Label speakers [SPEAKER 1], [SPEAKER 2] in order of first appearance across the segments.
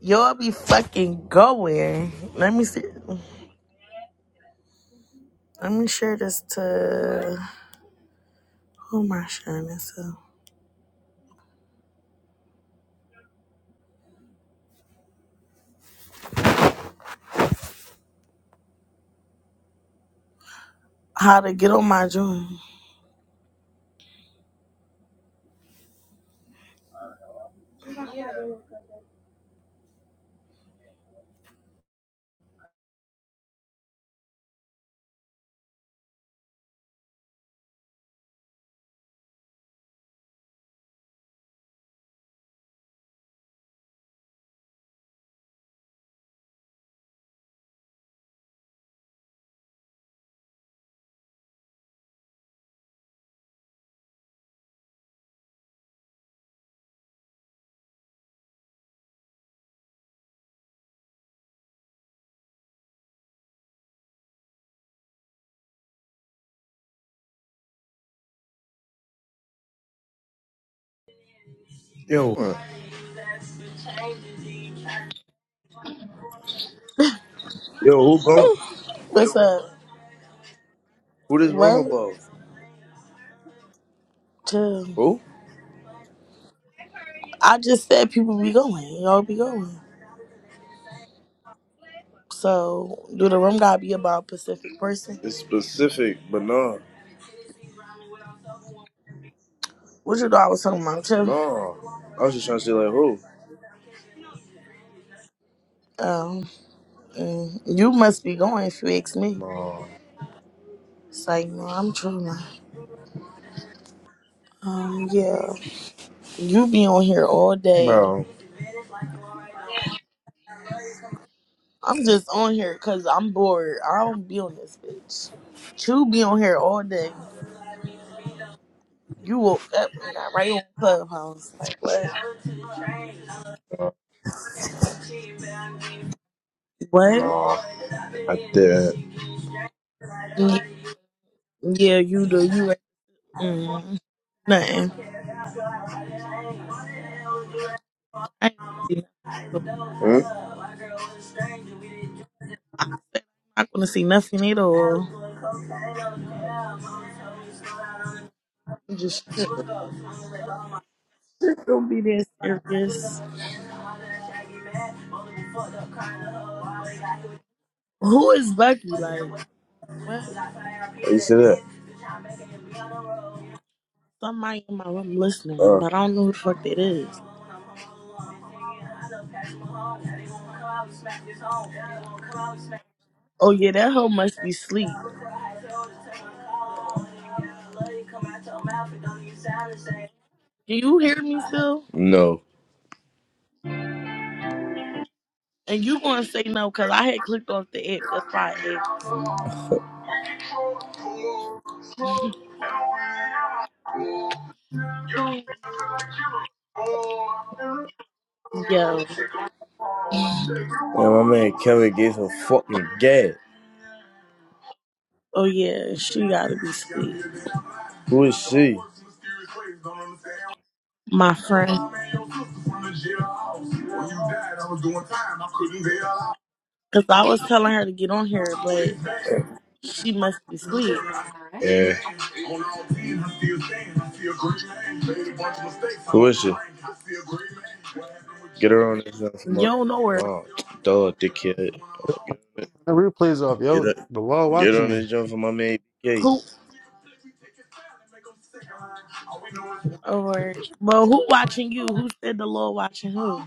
[SPEAKER 1] Y'all be fucking going. Let me see. Let me share this to who am I sharing this to? How to get on my dream.
[SPEAKER 2] Yo, yo, who going?
[SPEAKER 1] What's up?
[SPEAKER 2] Who this room
[SPEAKER 1] What?
[SPEAKER 2] about?
[SPEAKER 1] To
[SPEAKER 2] Who?
[SPEAKER 1] I just said people be going. Y'all be going. So do the room gotta be about a Pacific person?
[SPEAKER 2] It's specific, but no,
[SPEAKER 1] What you thought I was talking about too?
[SPEAKER 2] no. I was just trying to say like who?
[SPEAKER 1] Um, mm, you must be going if you ask me.
[SPEAKER 2] No,
[SPEAKER 1] It's like no, I'm trolling. Um, yeah, you be on here all day
[SPEAKER 2] bro,
[SPEAKER 1] I'm just on here because I'm bored. I don't be on this bitch. You be on here all day. You woke up and got right on Clubhouse. Like, what?
[SPEAKER 2] no,
[SPEAKER 1] What?
[SPEAKER 2] no, I didn't.
[SPEAKER 1] Yeah, yeah you do. You right. Mm, nothing. I ain't gonna see nothing at
[SPEAKER 2] Hmm?
[SPEAKER 1] all. I said I'm not gonna see nothing at all. I'm just don't be that serious. Who is Bucky? Like, what?
[SPEAKER 2] Why You say that?
[SPEAKER 1] Somebody in my room listening,
[SPEAKER 2] Uh,
[SPEAKER 1] but I don't know who the fuck that is. Oh yeah, that hoe must be asleep. Can you hear me still?
[SPEAKER 2] no.
[SPEAKER 1] And you gonna say no because I had clicked off the app. That's why I asked. Yo,
[SPEAKER 2] Yeah, my man Kevin gave some fucking gay.
[SPEAKER 1] oh yeah, she gotta be asleep,
[SPEAKER 2] Who is she?
[SPEAKER 1] my friend. Cause I was telling her to get on here, but she must be asleep.
[SPEAKER 2] Yeah. Who is she? Get her on this jump for
[SPEAKER 1] You
[SPEAKER 2] my
[SPEAKER 1] don't know her.
[SPEAKER 2] no, duh, dickhead.
[SPEAKER 3] The replay's off,
[SPEAKER 2] Get
[SPEAKER 3] yo.
[SPEAKER 2] up,
[SPEAKER 3] The law
[SPEAKER 2] get
[SPEAKER 3] watching
[SPEAKER 2] on
[SPEAKER 3] me.
[SPEAKER 2] this jump for my man BK.
[SPEAKER 1] Who or well, who watching you? Who said the Lord watching who?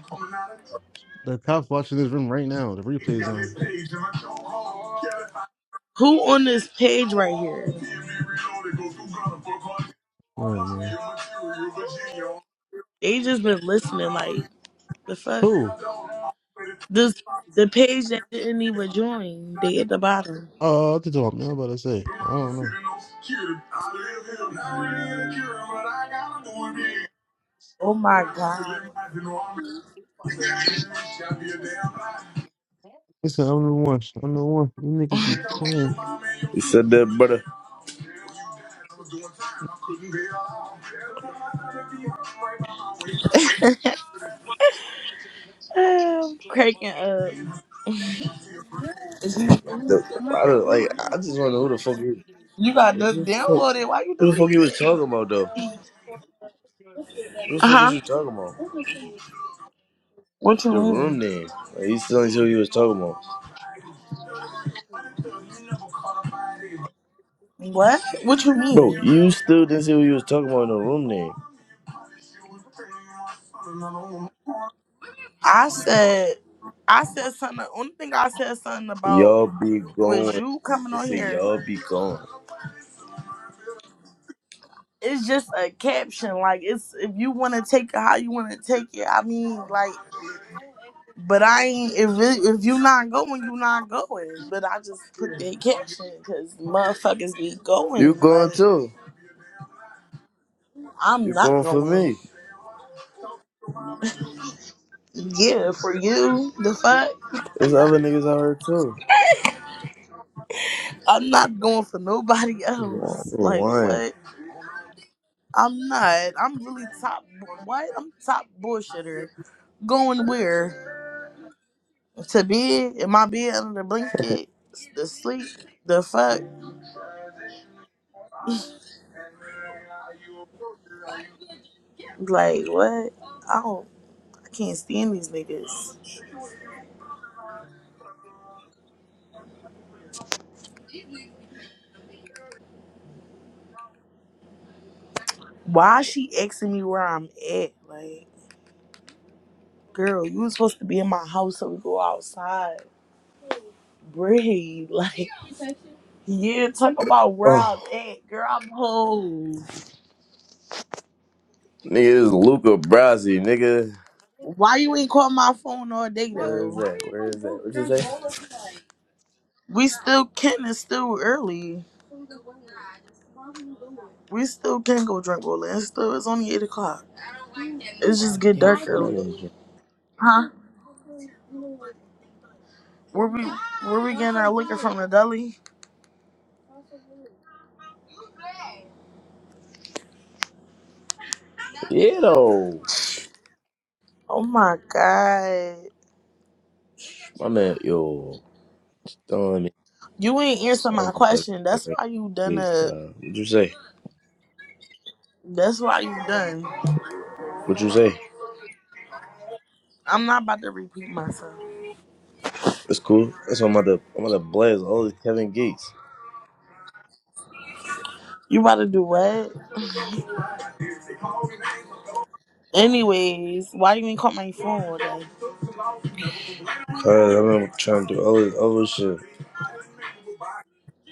[SPEAKER 3] The cops watching this room right now. The replay's on.
[SPEAKER 1] Who on this page right here?
[SPEAKER 3] No man.
[SPEAKER 1] They just been listening. Like the fuck,
[SPEAKER 3] Who?
[SPEAKER 1] this the page that didn't even join. They at the bottom.
[SPEAKER 3] Oh, I have to talk. Man, I'm about to say. I don't know.
[SPEAKER 1] Oh my god,
[SPEAKER 3] Listen, I'm the one. I'm the one. You niggas be playing.
[SPEAKER 2] You said that, brother.
[SPEAKER 1] I'm cracking up.
[SPEAKER 2] The- I don't, like I just want to know who the fuck you.
[SPEAKER 1] You got to
[SPEAKER 2] Who the fuck,
[SPEAKER 1] download it. Why you
[SPEAKER 2] who the
[SPEAKER 1] delete
[SPEAKER 2] fuck you was
[SPEAKER 1] it?
[SPEAKER 2] talking about though? Who the
[SPEAKER 1] Uh
[SPEAKER 2] fuck was
[SPEAKER 1] huh.
[SPEAKER 2] you talking about?
[SPEAKER 1] What you
[SPEAKER 2] The room
[SPEAKER 1] mean?
[SPEAKER 2] name. Like, you still didn't see what you was talking about.
[SPEAKER 1] What? What you
[SPEAKER 2] Bro,
[SPEAKER 1] mean?
[SPEAKER 2] you still didn't see what you was talking about in the room name.
[SPEAKER 1] I said, I said something. The only thing I said something about
[SPEAKER 2] Y'all be
[SPEAKER 1] was
[SPEAKER 2] going.
[SPEAKER 1] you coming
[SPEAKER 2] They
[SPEAKER 1] on
[SPEAKER 2] say
[SPEAKER 1] here.
[SPEAKER 2] y'all be going.
[SPEAKER 1] It's just a caption. Like it's if you want to take it how you want to take it. I mean, like, but I ain't. If it, if you not going, you not going. But I just put that caption because motherfuckers be
[SPEAKER 2] You
[SPEAKER 1] going.
[SPEAKER 2] going
[SPEAKER 1] Like
[SPEAKER 2] too.
[SPEAKER 1] I'm
[SPEAKER 2] You
[SPEAKER 1] not
[SPEAKER 2] going for
[SPEAKER 1] going.
[SPEAKER 2] me.
[SPEAKER 1] Yeah, for you, the fuck.
[SPEAKER 2] There's other niggas out here too.
[SPEAKER 1] I'm not going for nobody
[SPEAKER 2] Why?
[SPEAKER 1] else. Like
[SPEAKER 2] Why?
[SPEAKER 1] what? I'm not. I'm really top. What? I'm top bullshitter. Going where? To bed? In my bed under the blanket? The sleep? The fuck? Like what? I don't. I can't stand these niggas. Why she asking me where I'm at? Like, girl, you was supposed to be in my house so we go outside. Breathe. Like, yeah. Talk about where I'm
[SPEAKER 2] Oh,
[SPEAKER 1] at, girl. I'm home.
[SPEAKER 2] nigga, this is Luca Brasi, nigga.
[SPEAKER 1] Why you ain't call my phone all day
[SPEAKER 2] Where
[SPEAKER 1] though?
[SPEAKER 2] is
[SPEAKER 1] Why why
[SPEAKER 2] that?
[SPEAKER 1] We ain't
[SPEAKER 2] Where
[SPEAKER 1] go
[SPEAKER 2] is that?
[SPEAKER 1] bro-
[SPEAKER 2] What you
[SPEAKER 1] drink
[SPEAKER 2] say?
[SPEAKER 1] roller tonight? We still can. It's still early. We still can go drink rolling. It's still it's only eight o'clock. I don't like that. It's
[SPEAKER 2] Oh,
[SPEAKER 1] just
[SPEAKER 2] I
[SPEAKER 1] get
[SPEAKER 2] can't
[SPEAKER 1] dark
[SPEAKER 2] find
[SPEAKER 1] early.
[SPEAKER 2] this joint.
[SPEAKER 1] Huh? Where we where we getting our liquor from the deli?
[SPEAKER 2] Yeah, though.
[SPEAKER 1] Oh my god.
[SPEAKER 2] My man, yo. Stone.
[SPEAKER 1] You ain't answer
[SPEAKER 2] Yeah,
[SPEAKER 1] my
[SPEAKER 2] dog.
[SPEAKER 1] question.
[SPEAKER 2] What
[SPEAKER 1] That's why you done up.
[SPEAKER 2] you say?
[SPEAKER 1] That's why you done.
[SPEAKER 2] What you say?
[SPEAKER 1] I'm not about to repeat myself.
[SPEAKER 2] It's cool. That's why I'm about to I'm about to blast all this Kevin Gates.
[SPEAKER 1] You about to do what? Anyways, why you ain't call my phone all day?
[SPEAKER 2] Cause I'm trying to do all this other shit.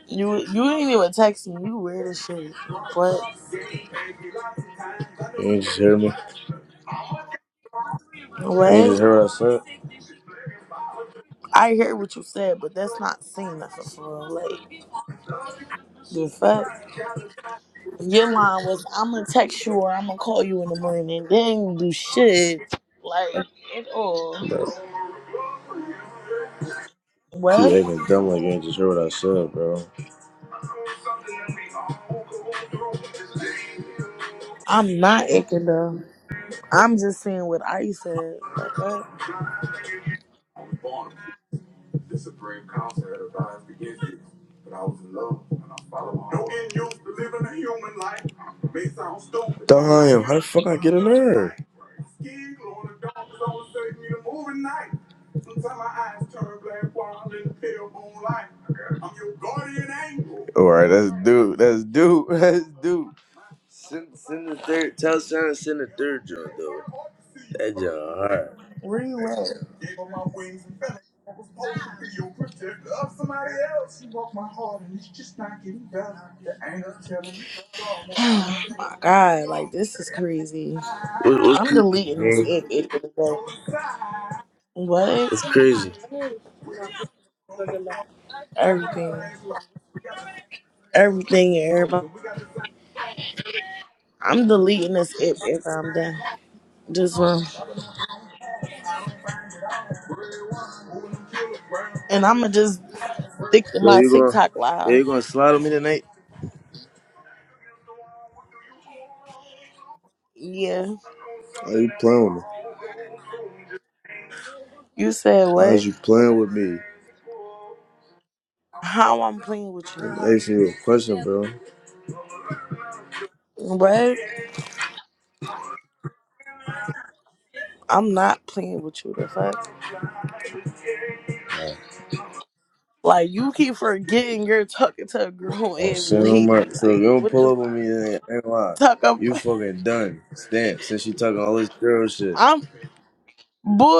[SPEAKER 1] You you didn't even text me. You weird as shit. Like, what?
[SPEAKER 2] You ain't just hear me. You ain't just
[SPEAKER 1] What?
[SPEAKER 2] hear what I said.
[SPEAKER 1] I hear what you said, but that's not saying nothing for real. Like the fuck. Your line was I'm gonna text you or I'm gonna call you in the morning. Then you do shit like at all.
[SPEAKER 2] Bro, keep
[SPEAKER 1] What?
[SPEAKER 2] acting dumb like you ain't just hear what I said, bro.
[SPEAKER 1] I'm not icky though. I'm just saying what I said. Like what?
[SPEAKER 2] This supreme concept of violence begins with, but I was in love and I followed. No end use to living a human life may sound stupid. Damn, how the fuck I get in there? Skid glow in the dark is always taking me to moving night. All right, let's do, let's do, let's do. Send, send the third. Tell Sean to send the third joint though. That joint hard.
[SPEAKER 1] Where you at? Oh my god, like this is crazy.
[SPEAKER 2] What, what's
[SPEAKER 1] I'm
[SPEAKER 2] crazy,
[SPEAKER 1] deleting this
[SPEAKER 2] bro?
[SPEAKER 1] app at the end of the day. What?
[SPEAKER 2] What's crazy?
[SPEAKER 1] Everything. Everything and everybody. I'm deleting this app after I'm done. This one. And I'ma just stick to
[SPEAKER 2] Yo,
[SPEAKER 1] my
[SPEAKER 2] you gonna,
[SPEAKER 1] TikTok
[SPEAKER 2] yo, you
[SPEAKER 1] live.
[SPEAKER 2] gonna slide on me tonight?
[SPEAKER 1] Yeah.
[SPEAKER 2] Are you playing with me?
[SPEAKER 1] You said
[SPEAKER 2] Why is
[SPEAKER 1] what?
[SPEAKER 2] you playing with me?
[SPEAKER 1] How I'm playing with you.
[SPEAKER 2] I'm asking you a question, bro.
[SPEAKER 1] What? I'm not playing with you the fuck. Like you keep forgetting you're talking to a grown
[SPEAKER 2] I'm
[SPEAKER 1] ass
[SPEAKER 2] saying, I'm
[SPEAKER 1] lady.
[SPEAKER 2] like, So if you
[SPEAKER 1] Like
[SPEAKER 2] don't
[SPEAKER 1] what the
[SPEAKER 2] pull
[SPEAKER 1] fuck?
[SPEAKER 2] up on me, then I ain't lying.
[SPEAKER 1] talk up
[SPEAKER 2] You fucking done. Stamp. Since you talking all this girl shit.
[SPEAKER 1] I'm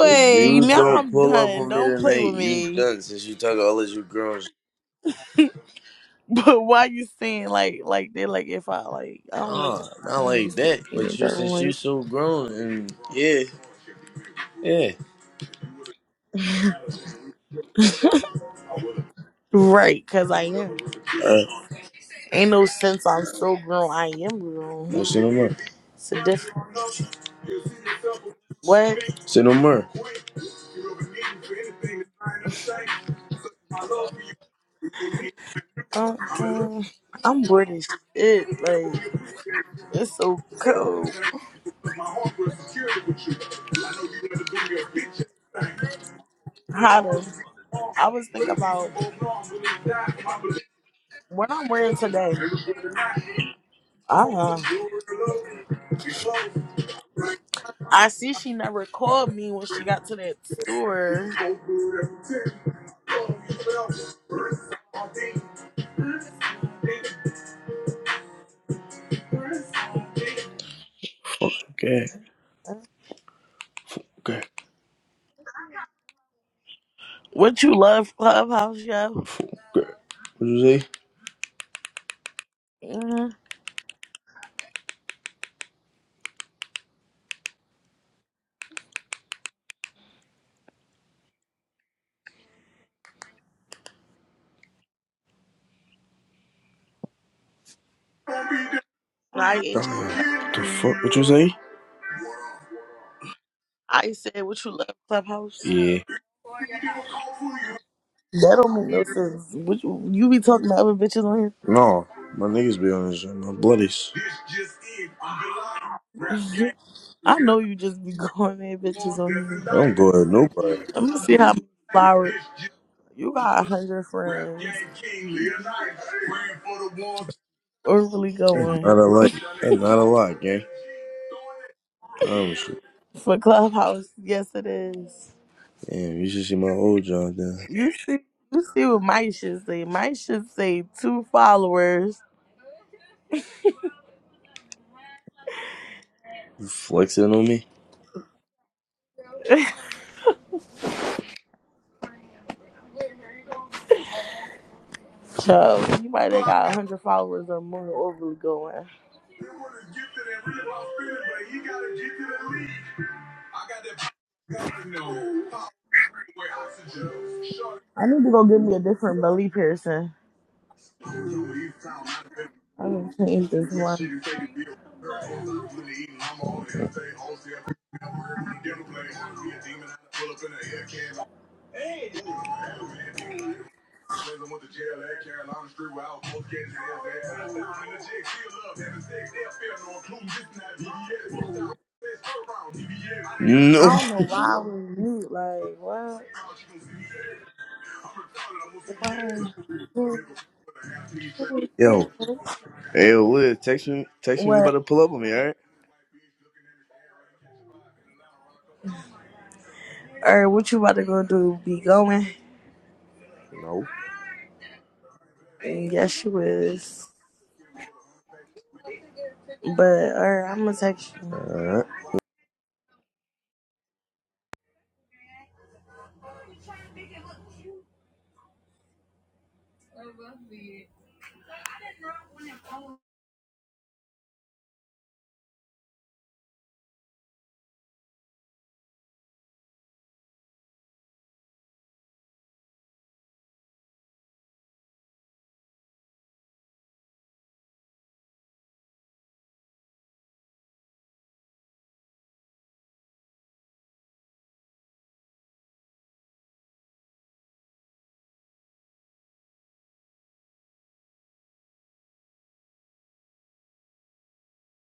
[SPEAKER 2] If you
[SPEAKER 1] now
[SPEAKER 2] don't
[SPEAKER 1] I'm
[SPEAKER 2] pull up
[SPEAKER 1] done.
[SPEAKER 2] on me
[SPEAKER 1] Don't play
[SPEAKER 2] tonight,
[SPEAKER 1] with
[SPEAKER 2] you
[SPEAKER 1] me.
[SPEAKER 2] done. Since you talk all as you grown, sh-
[SPEAKER 1] But why you saying like like they like if I like I don't like
[SPEAKER 2] nah, not
[SPEAKER 1] how you
[SPEAKER 2] like
[SPEAKER 1] saying
[SPEAKER 2] that. But
[SPEAKER 1] it
[SPEAKER 2] you,
[SPEAKER 1] that
[SPEAKER 2] since you
[SPEAKER 1] way.
[SPEAKER 2] so grown, and yeah, yeah.
[SPEAKER 1] Right, cause I am.
[SPEAKER 2] Uh,
[SPEAKER 1] Ain't no sense I'm so grown. I am grown.
[SPEAKER 2] don't say no more.
[SPEAKER 1] It's a different what?
[SPEAKER 2] Say no more.
[SPEAKER 1] Uh, uh, I'm bored as shit. Like it's so cold, hotter. I was thinking about what I'm wearing today. Uh, I see she never called me when she got to that store.
[SPEAKER 2] Okay, okay,
[SPEAKER 1] What you love, clubhouse, yo?
[SPEAKER 2] okay. What you say?
[SPEAKER 1] Mm-hmm. I ain't. sure.
[SPEAKER 2] Damn, the fuck? What you say?
[SPEAKER 1] I said, "What you love, Clubhouse?"
[SPEAKER 2] Yeah.
[SPEAKER 1] That don't make no sense. What you, you be talking to other bitches on
[SPEAKER 2] No, my niggas be on this shit. My bloodies.
[SPEAKER 1] here? I know you just be going at bitches on here.
[SPEAKER 2] Don't go at nobody.
[SPEAKER 1] Let me see how many flowers you got. A hundred friends. We're really
[SPEAKER 2] That's
[SPEAKER 1] going
[SPEAKER 2] not a like. That's not a lot, gang. Promise you.
[SPEAKER 1] for Clubhouse. Yes, it is.
[SPEAKER 2] Damn, you should see my old job, then.
[SPEAKER 1] You see, you see what my should say. My should say two followers.
[SPEAKER 2] You Flexing on me?
[SPEAKER 1] So you might have got a hundred followers or more. Overly going. I need to go get me a different belly piercing. I'm gonna change this one. I
[SPEAKER 2] No.
[SPEAKER 1] don't know why we mute. Like, why? Why?
[SPEAKER 2] Yo. Hey, yo, Liz, text me, text me we about
[SPEAKER 1] What?
[SPEAKER 2] to pull up on me, alright?
[SPEAKER 1] Or what you about to go do? Be going?
[SPEAKER 2] No.
[SPEAKER 1] And yes, she was. But, or I'm gonna text
[SPEAKER 2] All
[SPEAKER 1] you.
[SPEAKER 2] right.